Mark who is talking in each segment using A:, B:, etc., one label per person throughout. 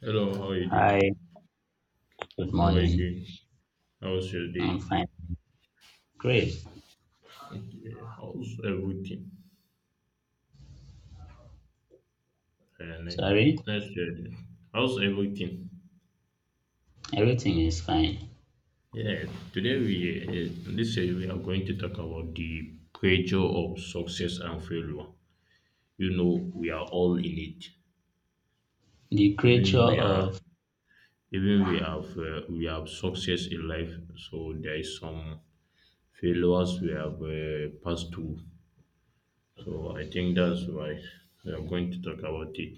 A: Hello, how are you doing?
B: Hi, good
A: How are you
B: morning.
A: doing? How was your
B: I'm
A: day?
B: fine. Great.
A: Okay, how's everything? Uh, let-
B: Sorry,
A: let's hear it. How's everything?
B: everything is fine.
A: Yeah, today we are going to talk about the pressure of success and failure. You know, we are all in it.
B: The creature
A: Even we are,
B: of.
A: even we have success in life. So there is some failures we have passed through. So I think that's why we are going to talk about it.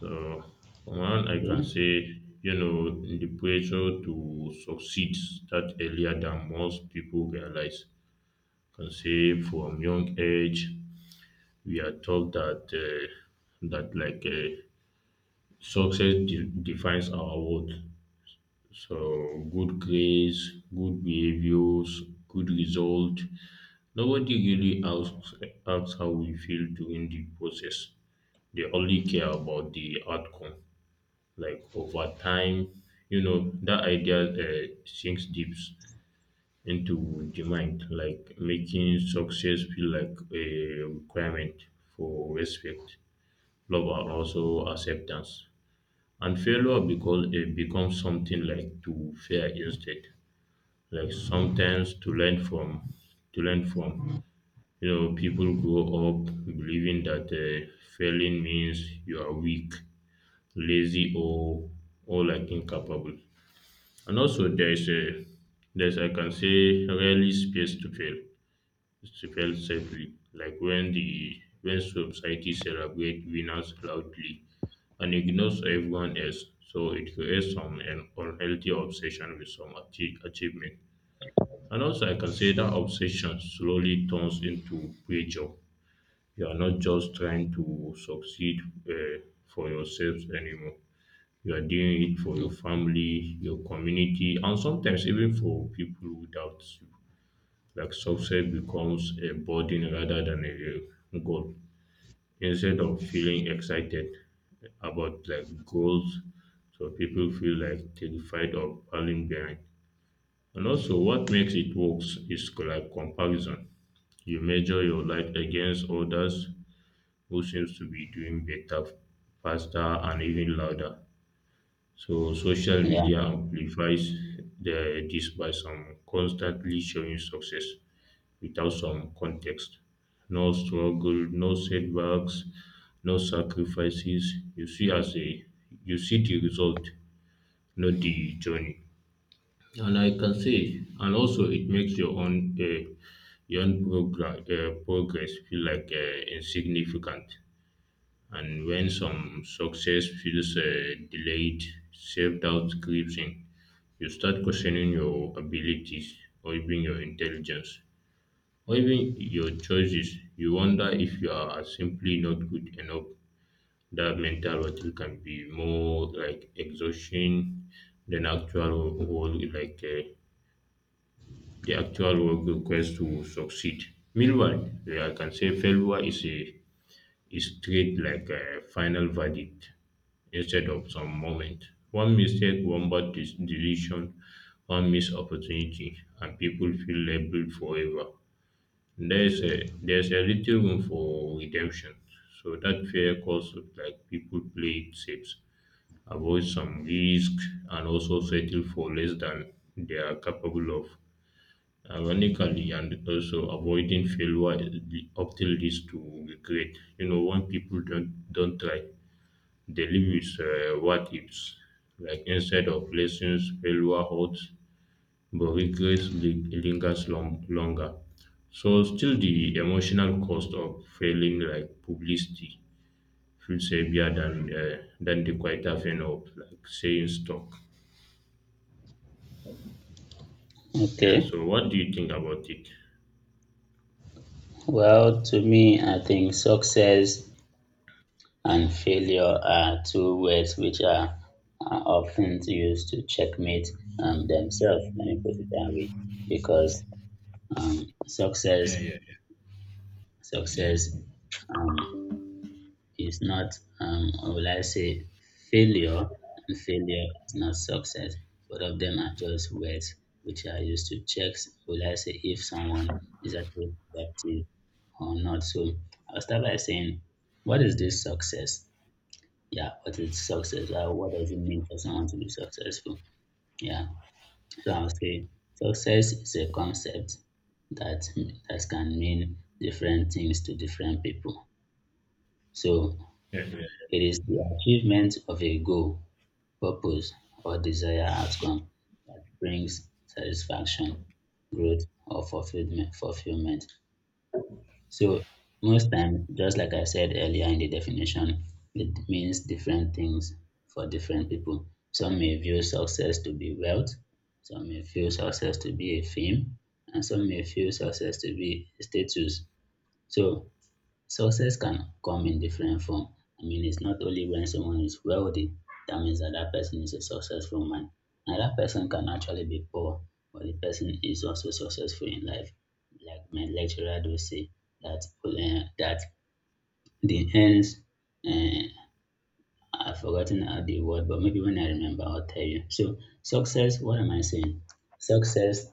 A: So, for one, I can
B: Yeah,
A: say, you know, the pressure to succeed start earlier than most people realize. I can say from young age, we are taught that success defines our worth. So, good grades, good behaviors, good result. Nobody really asks how we feel during the process. They only care about the outcome. Like over time, you know, that idea sinks deep into the mind, like making success feel like a requirement for respect, love, and also acceptance, and failure because it becomes something like to fear instead, like sometimes to learn from, to learn from you know, people grow up believing that failing means you are weak, lazy, or like incapable. And also there is a there's I can say rarely space to fail, safely. Like when the when society celebrate winners loudly and ignores everyone else. So it creates some an unhealthy obsession with some achievement. And also I can say that obsession slowly turns into pressure. You are not just trying to succeed uh, for yourselves anymore, you are doing it for your family, your community, and sometimes even for people without you. Like success becomes a burden rather than a goal. Instead of feeling excited about like goals, so people feel like terrified of falling behind. And also, what makes it worse is like comparison. You measure your life against others who seems to be doing better, faster, and even louder. So social
B: yeah.
A: media amplifies this by some constantly showing success without some context. No struggle, no setbacks, no sacrifices. You see the result, not the journey. And I can say, and also it makes your own progress feel like insignificant. And when some success feels delayed, self doubt creeps in, you start questioning your abilities, or even your intelligence, or even your choices. You wonder if you are simply not good enough. That mental battle can be more like exhaustion than actual work, like the actual work requires to succeed. Meanwhile, yeah, I can say failure is treated like a final verdict instead of some moment. One mistake, one bad decision, one missed opportunity, and people feel labeled forever. There's a little room for redemption, so that fair concept like people play it safe, avoid some risk, and also settle for less than they are capable of, ironically, and also avoiding failure often leads to regret. You know, when people don't try, they live with what ifs. Like instead of lessons, failure hurts, but regrets lingers longer. So still, the emotional cost of failing, like publicity, feels heavier than the quieter pain of like saying stuck. Yeah.
B: Okay.
A: So what do you think about it?
B: Well, to me, I think success and failure are two words which are often used to checkmate themselves. Let me put it that way. Because success. Success is not, or will I say, failure, and failure is not success. Both of them are just words which are used to check, will I say, if someone is actually productive or not. So I'll start by saying, what is this success? Yeah, what is success? What does it mean for someone to be successful? Yeah, so I'll say success is a concept that that can mean different things to different people. So
A: Yeah.
B: it is the achievement of a goal, purpose, or desired outcome that brings satisfaction, growth, or fulfillment. Fulfillment. So most times, just like I said earlier in the definition, it means different things for different people. Some may view success to be wealth, some may feel success to be a fame, and some may feel success to be a status. So success can come in different form. I mean, it's not only when someone is wealthy, that means that that person is a successful man. And that person can actually be poor, but the person is also successful in life. Like my lecturer do say that the ends. Uh, I've forgotten how the word, but maybe when I remember, I'll tell you. So, success. What am I saying? Success.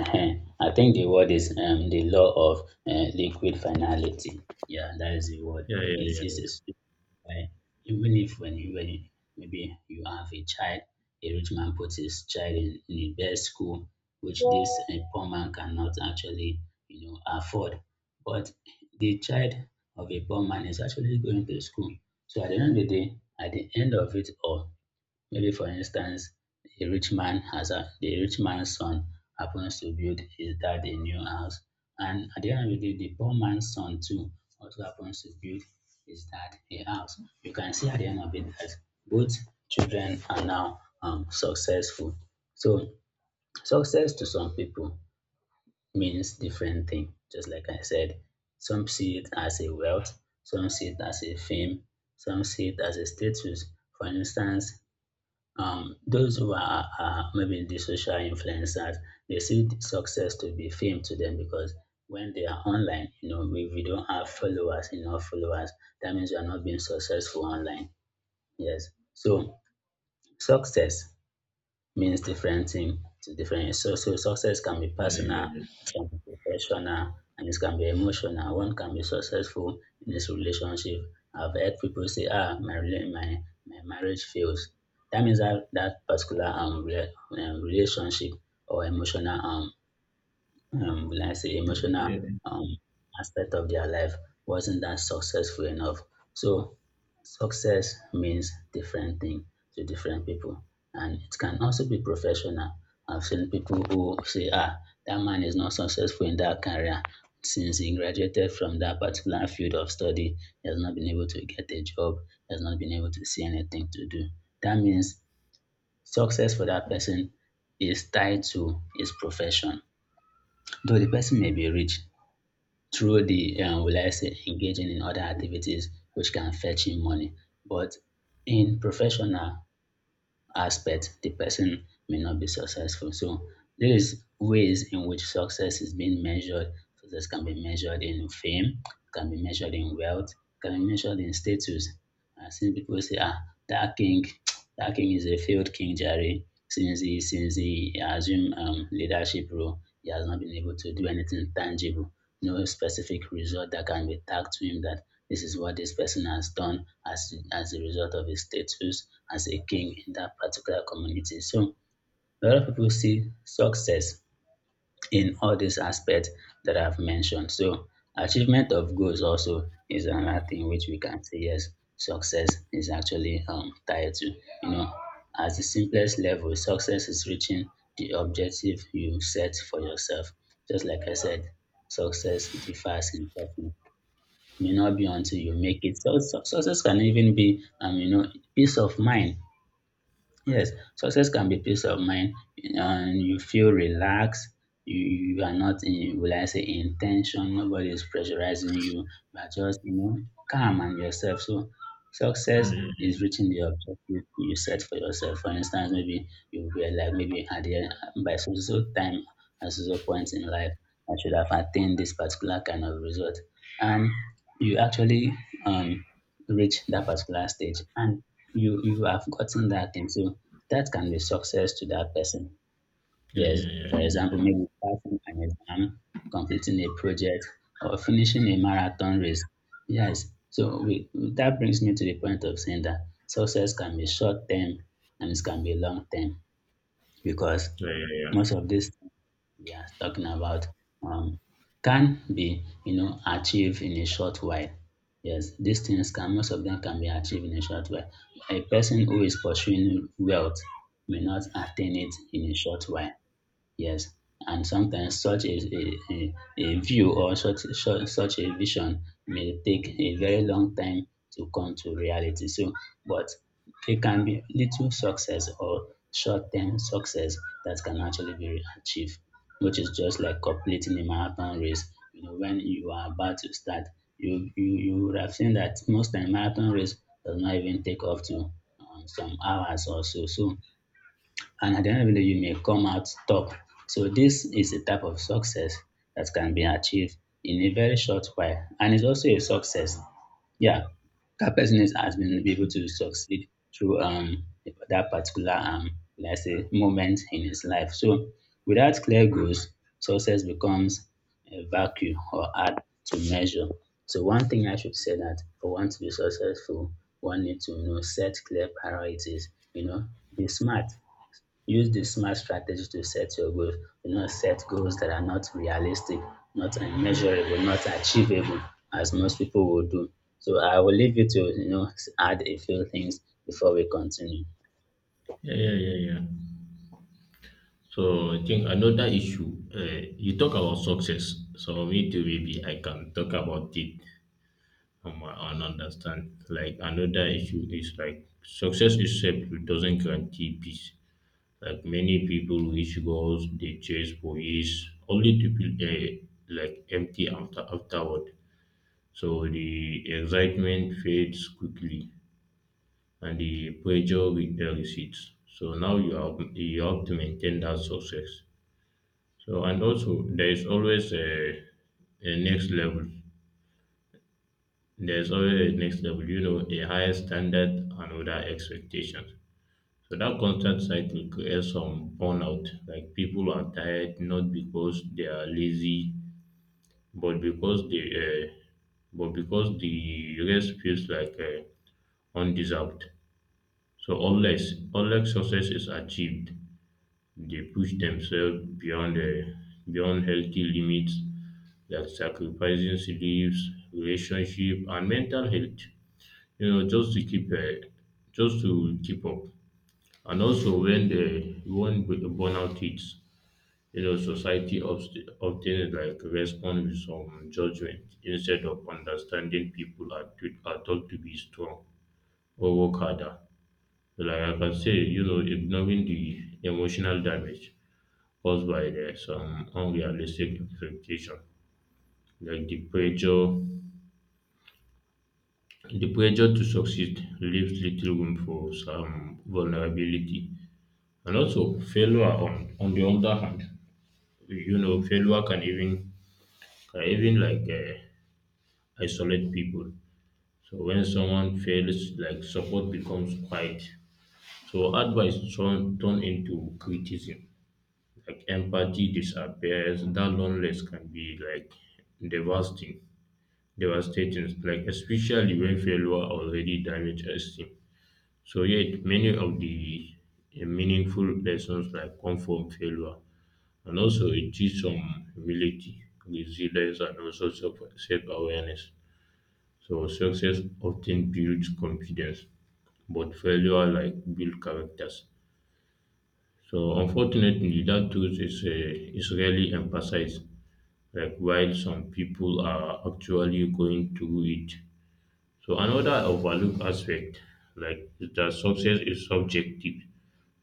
B: Ehen, I think the word is the law of liquid finality. Yeah, that is the word.
A: Yeah. Yeah.
B: It's
A: Yeah.
B: a stupid way. Even if when you maybe you have a child, a rich man puts his child in the best school, which this poor man cannot actually you know afford. But the child of a poor man is actually going to school. So at the end of the day, at the end of it all, maybe for instance, a rich man has a the rich man's son happens to build his dad a new house, and at the end of the day, the poor man's son too also happens to build his dad a house. You can see at the end of it that both children are now successful. So success to some people means different thing. Just like I said, some see it as a wealth, some see it as a fame, some see it as a status. For instance, those who are maybe the social influencers, they see the success to be fame to them because when they are online, you know, if we don't have followers, enough followers, that means you are not being successful online. Yes. So success means different thing to different. So success can be
A: Yeah.
B: personal,
A: Yeah,
B: it can be professional, and it can be emotional. One can be successful in his relationship. I've heard people say, "Ah, my rela- my marriage fails." That means that that particular relationship or emotional will I say, emotional um, aspect of their life wasn't that successful enough. So success means different thing to different people, and it can also be professional. I've seen people who say, "Ah, that man is not successful in that career since he graduated from that particular field of study. He has not been able to get a job. He has not been able to see anything to do." That means success for that person is tied to his profession though the person may be rich through the will I say engaging in other activities which can fetch him money. But in professional aspect, the person may not be successful. So there is ways in which success is being measured. Success can be measured in fame, can be measured in wealth, can be measured in status. I've seen people say, ah, that king, that king is a failed king, Jerry. Since he assumed leadership role, he has not been able to do anything tangible. No specific result that can be tagged to him that this is what this person has done as a result of his status as a king in that particular community. So a lot of people see success in all these aspects that I've mentioned. So achievement of goals also is another thing which we can say yes, success is actually tied to you know at the simplest level, success is reaching the objective you set for yourself. Just like I said, success differs in person. May not be until you make it. So, success can even be, you know, peace of mind. Yes, success can be peace of mind, and you feel relaxed. You, you are not in, will I say, in tension. Nobody is pressurizing you. You are just, you know, calm and yourself. So,
A: yeah,
B: success
A: yeah.
B: is reaching the objective you set for yourself. For instance, maybe you realize, maybe at the end, by so so time, at so so point in life, I should have attained this particular kind of result, and you actually um reach that particular stage, and you have gotten that thing. So that can be success to that person. Yes, for example, maybe passing an exam, completing a project, or finishing a marathon race. Yes, so we, that brings me to the point of saying that success can be short term and it can be long term because
A: Yeah, yeah,
B: most
A: yeah,
B: of these we are talking about um, can be you know achieved in a short while. Yes, these things can most of them can be achieved in a short while. A person who is pursuing wealth may not attain it in a short while. Yes, and sometimes such a view or such a vision may take a very long time to come to reality. So, but it can be little success or short term success that can actually be achieved, which is just like completing a marathon race. You know, when you are about to start, you would have seen that most time marathon race does not even take up to some hours or so. So, and at the end of the day, you may come out top. So this is a type of success that can be achieved in a very short while, and it's also a success. Yeah, that person is, has been able to succeed through that particular let's say moment in his life. So without clear goals, success becomes a vacuum or hard to measure. So one thing I should say that for one to be successful, one needs to you know set clear priorities. You know, be smart. Use the smart strategy to set your goals. Do not set goals that are not realistic, not measurable, not achievable, as most people will do. So I will leave you to you know add a few things before we continue.
A: yeah, yeah, yeah. Yeah. So I think another issue. You talk about success, so me too. Maybe I can talk about it on my own understand. Like another issue is like success itself doesn't guarantee peace. Like many people reach goals they chase for years, only to feel like empty afterward. So the excitement fades quickly and the pressure recedes. So now you have to maintain that success. So and also there is always a next level. There is always a next level. You know, a higher standard and other expectations. So that constant cycle creates some burnout. Like people are tired not because they are lazy, but because they but because the rest feels like undeserved. So unless success is achieved. They push themselves beyond healthy limits, like sacrificing sleeps, relationship, and mental health. You know, just to keep up. And also when burnout hits, you know, society often like respond with some judgment instead of understanding, people are, are taught to be strong or work harder. Like I can say, you know, ignoring the emotional damage caused by some unrealistic expectation, like the pressure to succeed leaves little room for some vulnerability, and also failure on the other hand, you know, failure can even can even like um isolate people. So when someone fails, like support becomes quiet, so advice turn into criticism, like empathy disappears, that loneliness can be like devastating, like especially when failure already damaged esteem. So yet many of the meaningful lessons like come from failure, and also it teaches some humility, resilience, and also self awareness. So success often builds confidence, but failure like build characters. So unfortunately, that truth is rarely emphasized. Like while some people are actually going through it. So another overlooked aspect, like is that success is subjective,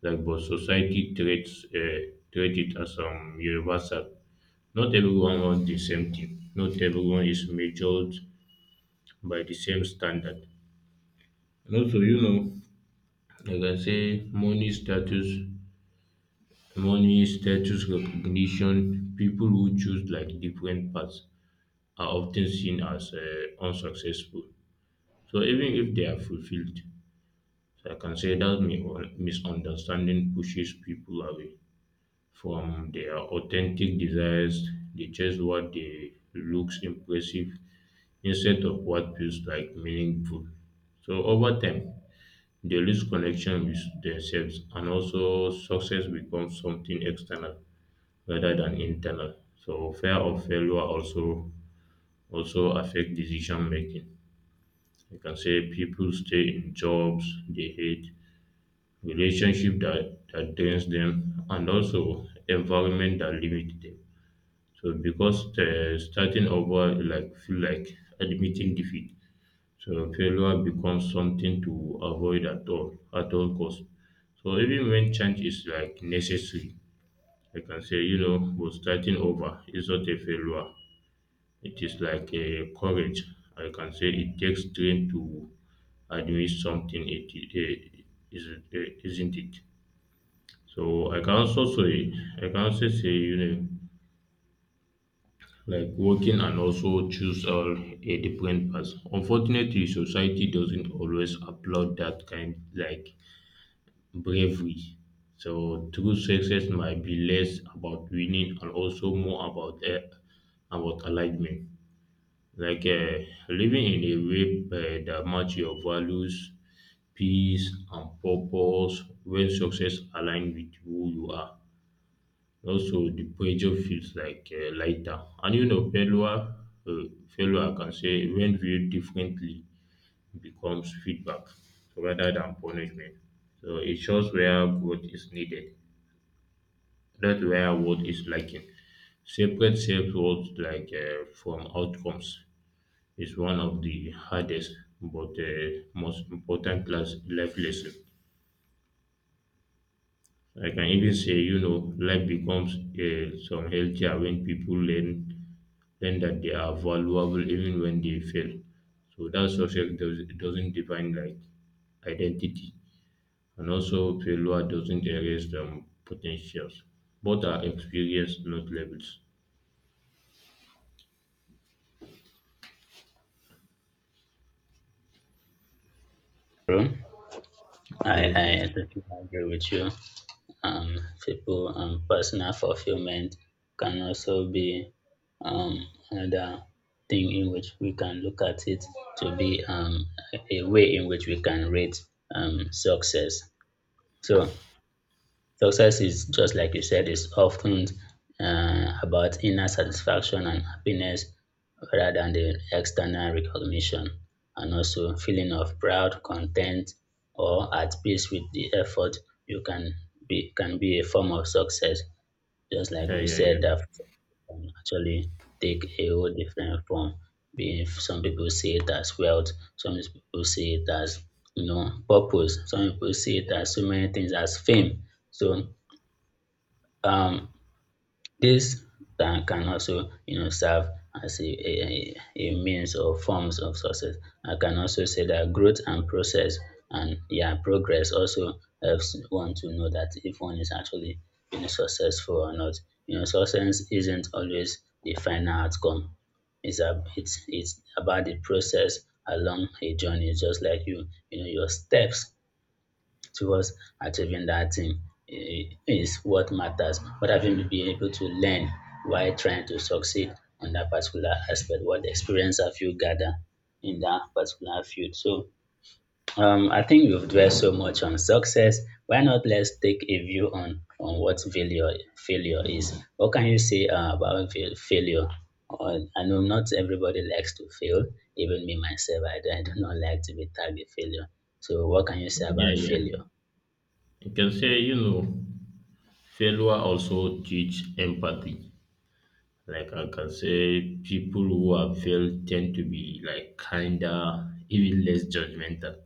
A: like but society treat it as universal. Not everyone wants the same thing. Not everyone is measured by the same standard. And also, you know, like I say, money status recognition. People who choose like different paths are often seen as unsuccessful. So even if they are fulfilled, so I consider misunderstanding pushes people away from their authentic desires. They chase what they looks impressive instead of what feels like meaningful. So over time, they lose connection with themselves, and also success becomes something external rather than internal. So fear of failure also affect decision making. You can say people stay in jobs they hate, relationship that drains them, and also environment that limit them. So because starting over like feel like admitting defeat. So failure becomes something to avoid at all costs. So even when change is like necessary, I can say you know, but starting over is not a failure. It is like a courage. I can say it takes strength to admit something. It isn't it. So I can also say you know like working and also choose all a different path. Unfortunately, society doesn't always applaud that kind like bravery. So true success might be less about winning and also more about alignment. Like uh, Living in a way that match your values, peace, and purpose, when success align with who you are. Also, the pressure feels lighter. And you know, uh, failure, I can say, when viewed differently, becomes feedback rather than punishment. So it shows where growth is needed, not where worth is lacking. Separate self worth from outcomes is one of the hardest but most important class life lesson. I can even say, you know, life becomes some healthier when people learn that they are valuable even when they fail. So that success doesn't define like identity, and also failure doesn't erase potentials. Both are experience, not labels.
B: True. I,
A: Yes, yes.
B: I totally agree with you. Um, people, personal fulfillment can also be um, another thing in which we can look at it to be a way in which we can rate success. So success is just like you said, is often about inner satisfaction and happiness rather than the external recognition, and also feeling of proud, content, or at peace with the effort. You can be a form of success, just like
A: Yeah,
B: we
A: yeah, yeah.
B: said that can actually take a whole different form. Being some people see it as wealth, some people see it as you know purpose, some people see it as so many things as fame. So um this can also you know serve as a means or forms of success. I can also say that growth and process and yeah progress also helps one to know that if one is actually you know successful or not. You know success isn't always the final outcome. It's a, it's it's about the process along a journey, just like you know your steps towards achieving that thing is what matters. What have you been able to learn while trying to succeed on that particular aspect? What experience have you gathered in that particular field? So I think we've dwelt so much on success. Why not let's take a view on what failure is? What can you say about failure? Or, I know not everybody likes to fail. Even me myself, I do not like to be tagged a failure. So what can you say
A: Yeah,
B: about
A: yeah.
B: failure?
A: You can say, you know, failure also teach empathy. Like I can say people who have failed tend to be like kinder, even less judgmental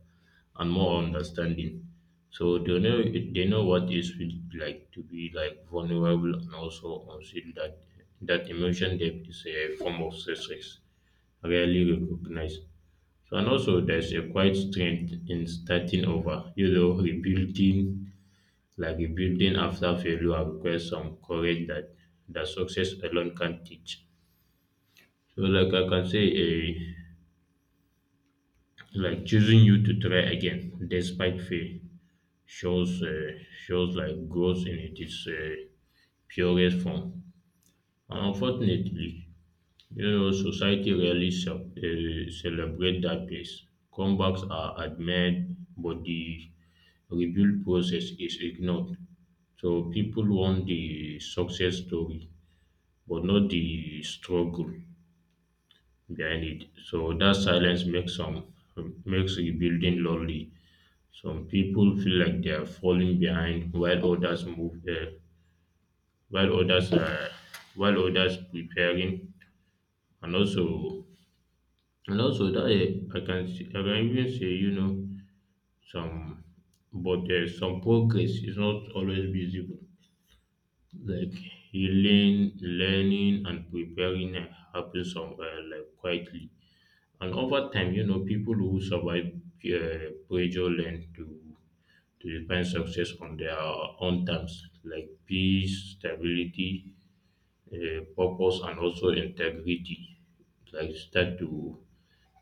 A: and more understanding. So they know what it's like to be like vulnerable and also consider that that emotion depth is a form of success, rarely recognized. So and also there's a quite strength in starting over, you know, rebuilding like rebuilding after failure requires some courage that success alone can not teach. So like I can say, like choosing you to try again despite fail shows uh, shows like growth in its purest form. And unfortunately, you know, society rarely celebrate that pace. Comebacks are admired, but the rebuild process is ignored. So people want the success story, but not the struggle behind it. So that silence makes some makes rebuilding lonely. Some people feel like they are falling behind, while while while others preparing, and also and also that I can even say you know some, but there's some progress is not always visible. Like healing, learning, and preparing happens somewhere like quietly. And over time, you know, people who survive pressure learn to define success on their own terms, like peace, stability, purpose, and also integrity. Like start to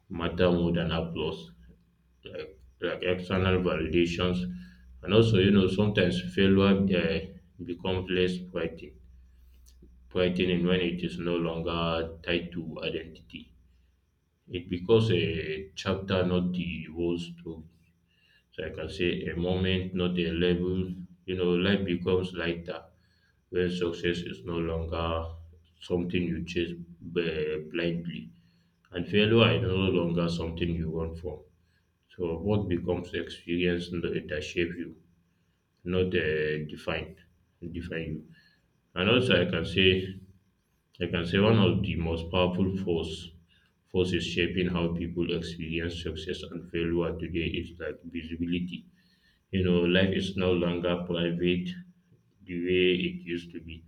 A: matter more than applause, like external validations, and also sometimes failure becomes less frightening when it is no longer tied to identity. It becomes a chapter, not the whole story. So I can say a moment, not a level. You know, life becomes lighter when success is no longer something you chase blindly, and failure is no longer something you run from. So both becomes experience that shape you, not define you. And also, I can say one of the most powerful forces shaping how people experience success and failure today is like visibility, you know, life is no longer private the way it used to be.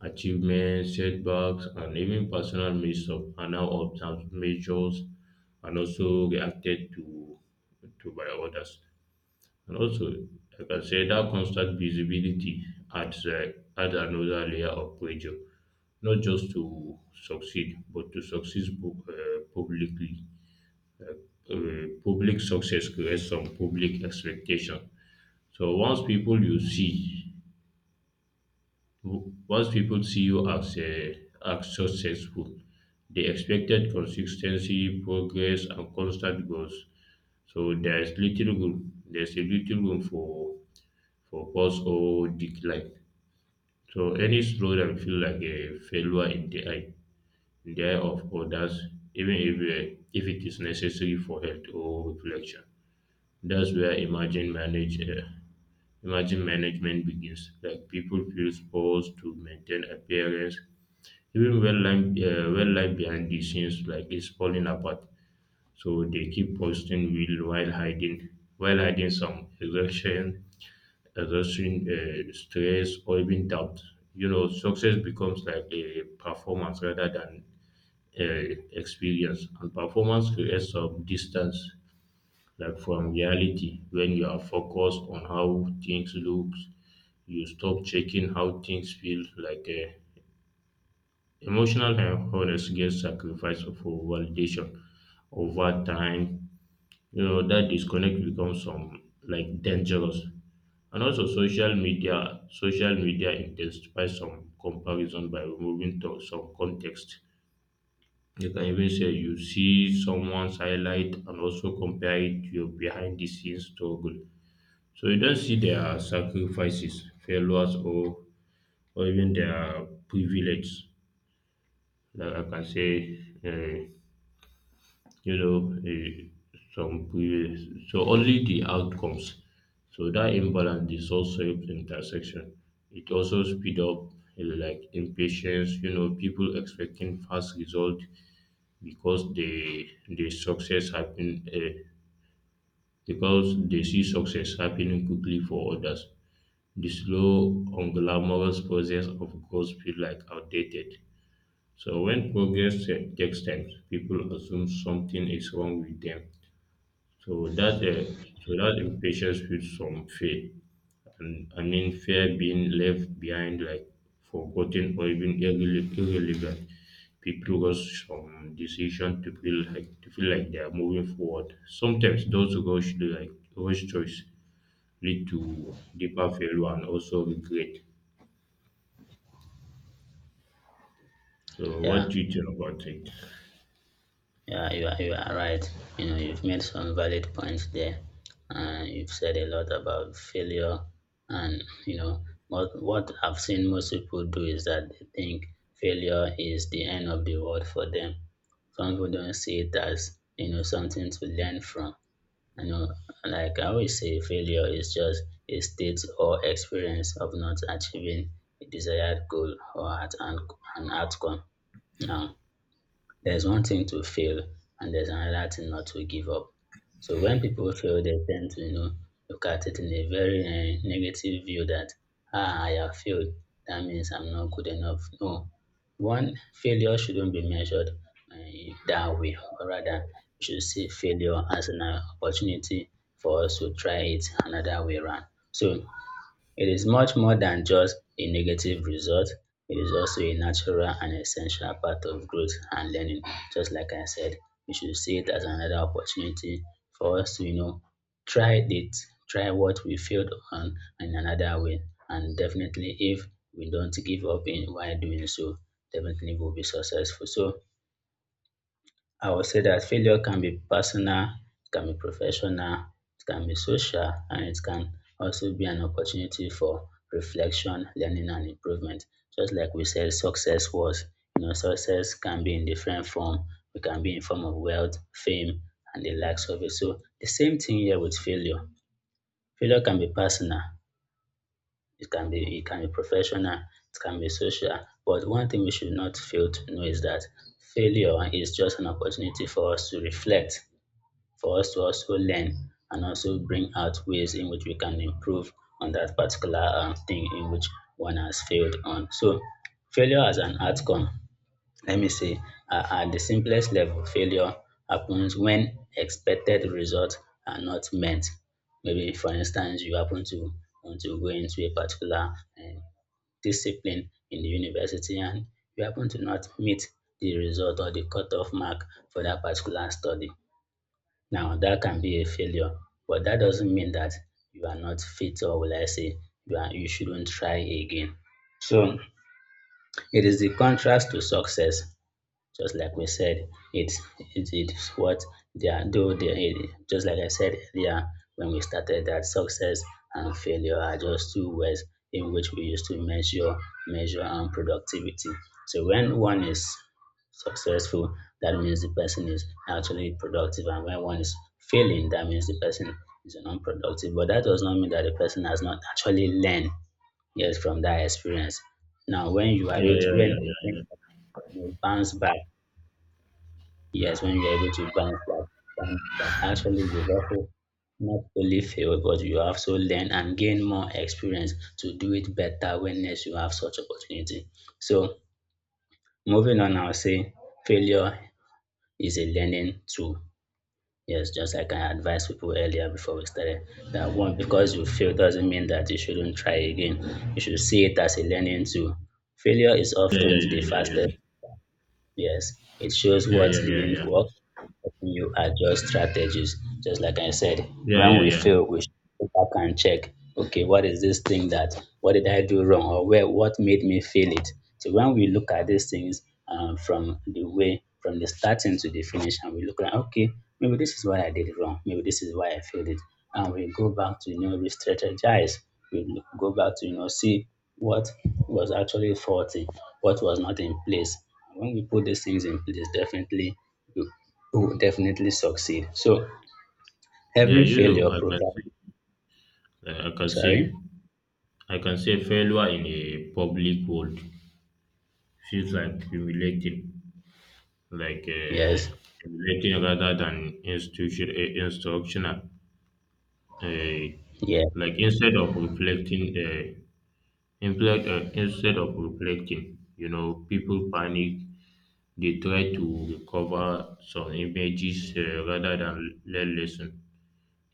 A: Achievements, setbacks, and even personal missteps are now observed, measures and also reacted to by others. And also, like I can say that constant visibility adds, uh, adds another layer of pressure, not just to succeed, but to succeed publicly. Uh, Public success creates some public expectation, so once people see you as a as successful, they expected consistency, progress, and constant growth. There's a little room for pause or decline. So any slowdown feel like a failure in the eye of others, even if it is necessary for health or reflection. That's where imagine manage. Imagine management begins, like people feel forced to maintain appearance, even when life, behind the scenes like is falling apart. So they keep posting will while hiding some exhaustion, stress, or even doubt. You know, success becomes like a performance rather than experience, and performance creates some distance like from reality. When you are focused on how things look, you stop checking how things feel, like emotional and honest get sacrificed for validation. Over time, you know that disconnect becomes some like dangerous. And also, social media intensifies some comparison by removing to some context. You can even say you see someone's highlight and also compare it to your behind the scenes struggle, so you don't see their sacrifices, failures, or even their privilege. Like I can say, uh, you know, some privilege. So only the outcomes. So that imbalance is also intersection. It also speed up, like impatience. You know, people expecting fast result because they the success happen because they see success happening quickly for others. The slow, unglamorous process of growth feel like outdated. So when progress takes time, people assume something is wrong with them. So that uh, so that impatience feeds some fear, and I mean fear being left behind, like forgotten or even irrelevant. People rush from decision to feel like they are moving forward. Sometimes those rush like rush choice lead to deeper failure and also regret. So what
B: Yeah.
A: do you think about it?
B: Yeah, you are right. You know, you've made some valid points there. And, you've said a lot about failure. And, you know, what I've seen most people do is that they think failure is the end of the world for them. Some people don't see it as, something to learn from. You know, like I always say, failure is just a state or experience of not achieving a desired goal or an outcome. Now, there's one thing to fail, and there's another thing not to give up. So when people fail, they tend to look at it in a very negative view that ah, I have failed. That means I'm not good enough. No, one failure shouldn't be measured that way. Or rather, we should see failure as an opportunity for us to try it another way around. So it is much more than just a negative result. It is also a natural and essential part of growth and learning. Just like I said, we should see it as another opportunity for us to, try it, try what we failed on in another way. And definitely, if we don't give up in while doing so, definitely we'll be successful. So I would say that failure can be personal, it can be professional, it can be social, and it can also be an opportunity for reflection, learning, and improvement. Just like we said, success was, success can be in different form. It can be in form of wealth, fame, and the likes of it. So the same thing here with failure. Failure can be personal, it can be professional, it can be social. But one thing we should not fail to know is that failure is just an opportunity for us to reflect, for us to also learn and also bring out ways in which we can improve on that particular thing in which one has failed on. So, failure as an outcome, let me say, at the simplest level, failure happens when expected results are not met. Maybe, for instance, you happen to want to go into a particular discipline in the university, and you happen to not meet the result or the cutoff mark for that particular study. Now that can be a failure, but that doesn't mean that you are not fit, or will I say you shouldn't try again. So it is the contrast to success. Just like we said, it's what they are do. They, just like I said earlier when we started, that success and failure are just two ways in which we used to measure and productivity. So when one is successful, that means the person is actually productive, and when one is failing, that means the person is unproductive. But that does not mean that the person has not actually learned, yes, from that experience. Now, when you
A: Yeah,
B: are able to
A: yeah, yeah,
B: when
A: yeah,
B: when
A: yeah,
B: you bounce back. Yes, when you're able to bounce back, and actually you've also not only failed, but you have also learn and gain more experience to do it better when next you have such opportunity. So moving on, I'll say failure is a learning tool. Yes, just like I advised people earlier before we started, that one because you fail doesn't mean that you shouldn't try again. You should see it as a learning tool. Failure is
A: yeah,
B: often
A: yeah,
B: the
A: yeah, yeah,
B: fastest.
A: yeah.
B: Yes, it shows
A: Yeah,
B: what
A: yeah, yeah,
B: didn't
A: yeah.
B: work, you adjust strategies. Just like I said,
A: Yeah,
B: when we
A: yeah, yeah.
B: fail, we should go back and check. Okay, what is this thing that? What did I do wrong, or where? What made me feel it? So when we look at these things from the way, from the starting to the finish, and we look at okay, maybe this is what I did wrong. Maybe this is why I failed it, and we go back to re-strategize. We look, go back to see what was actually faulty, what was not in place. And when we put these things in place, definitely will definitely succeed. So
A: Yeah,
B: every
A: you know,
B: failure provides.
A: say, I can see,
B: Sorry.
A: I can see. Failure in a public world feels like
B: Yes.
A: humiliating rather than instructional. Uh,
B: Yeah.
A: like instead of reflecting, uh, Instead of reflecting, you know, people panic. They try to recover some images rather than learn lesson.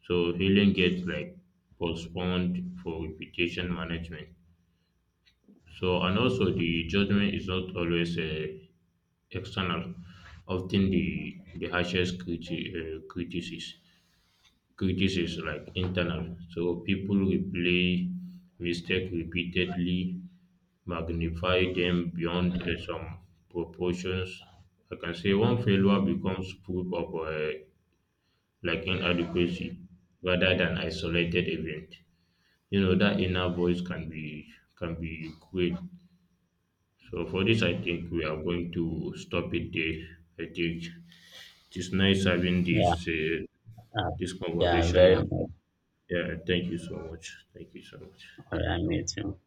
A: So healing gets like postponed for reputation management. So and also the judgment is not always external. Often the harshest uh, criticism criticism like internal. So people replay mistake repeatedly, magnify them beyond some proportions. I can say one failure becomes proof of like inadequacy rather than isolated event. You know that inner voice can be cruel. So for this, I think we are going to stop it there. I think it is nice having
B: Yeah. Uh,
A: this
B: yeah.
A: conversation
B: Very
A: with you.
B: much.
A: Yeah, thank you so much. Thank you so much.
B: All right. Me too.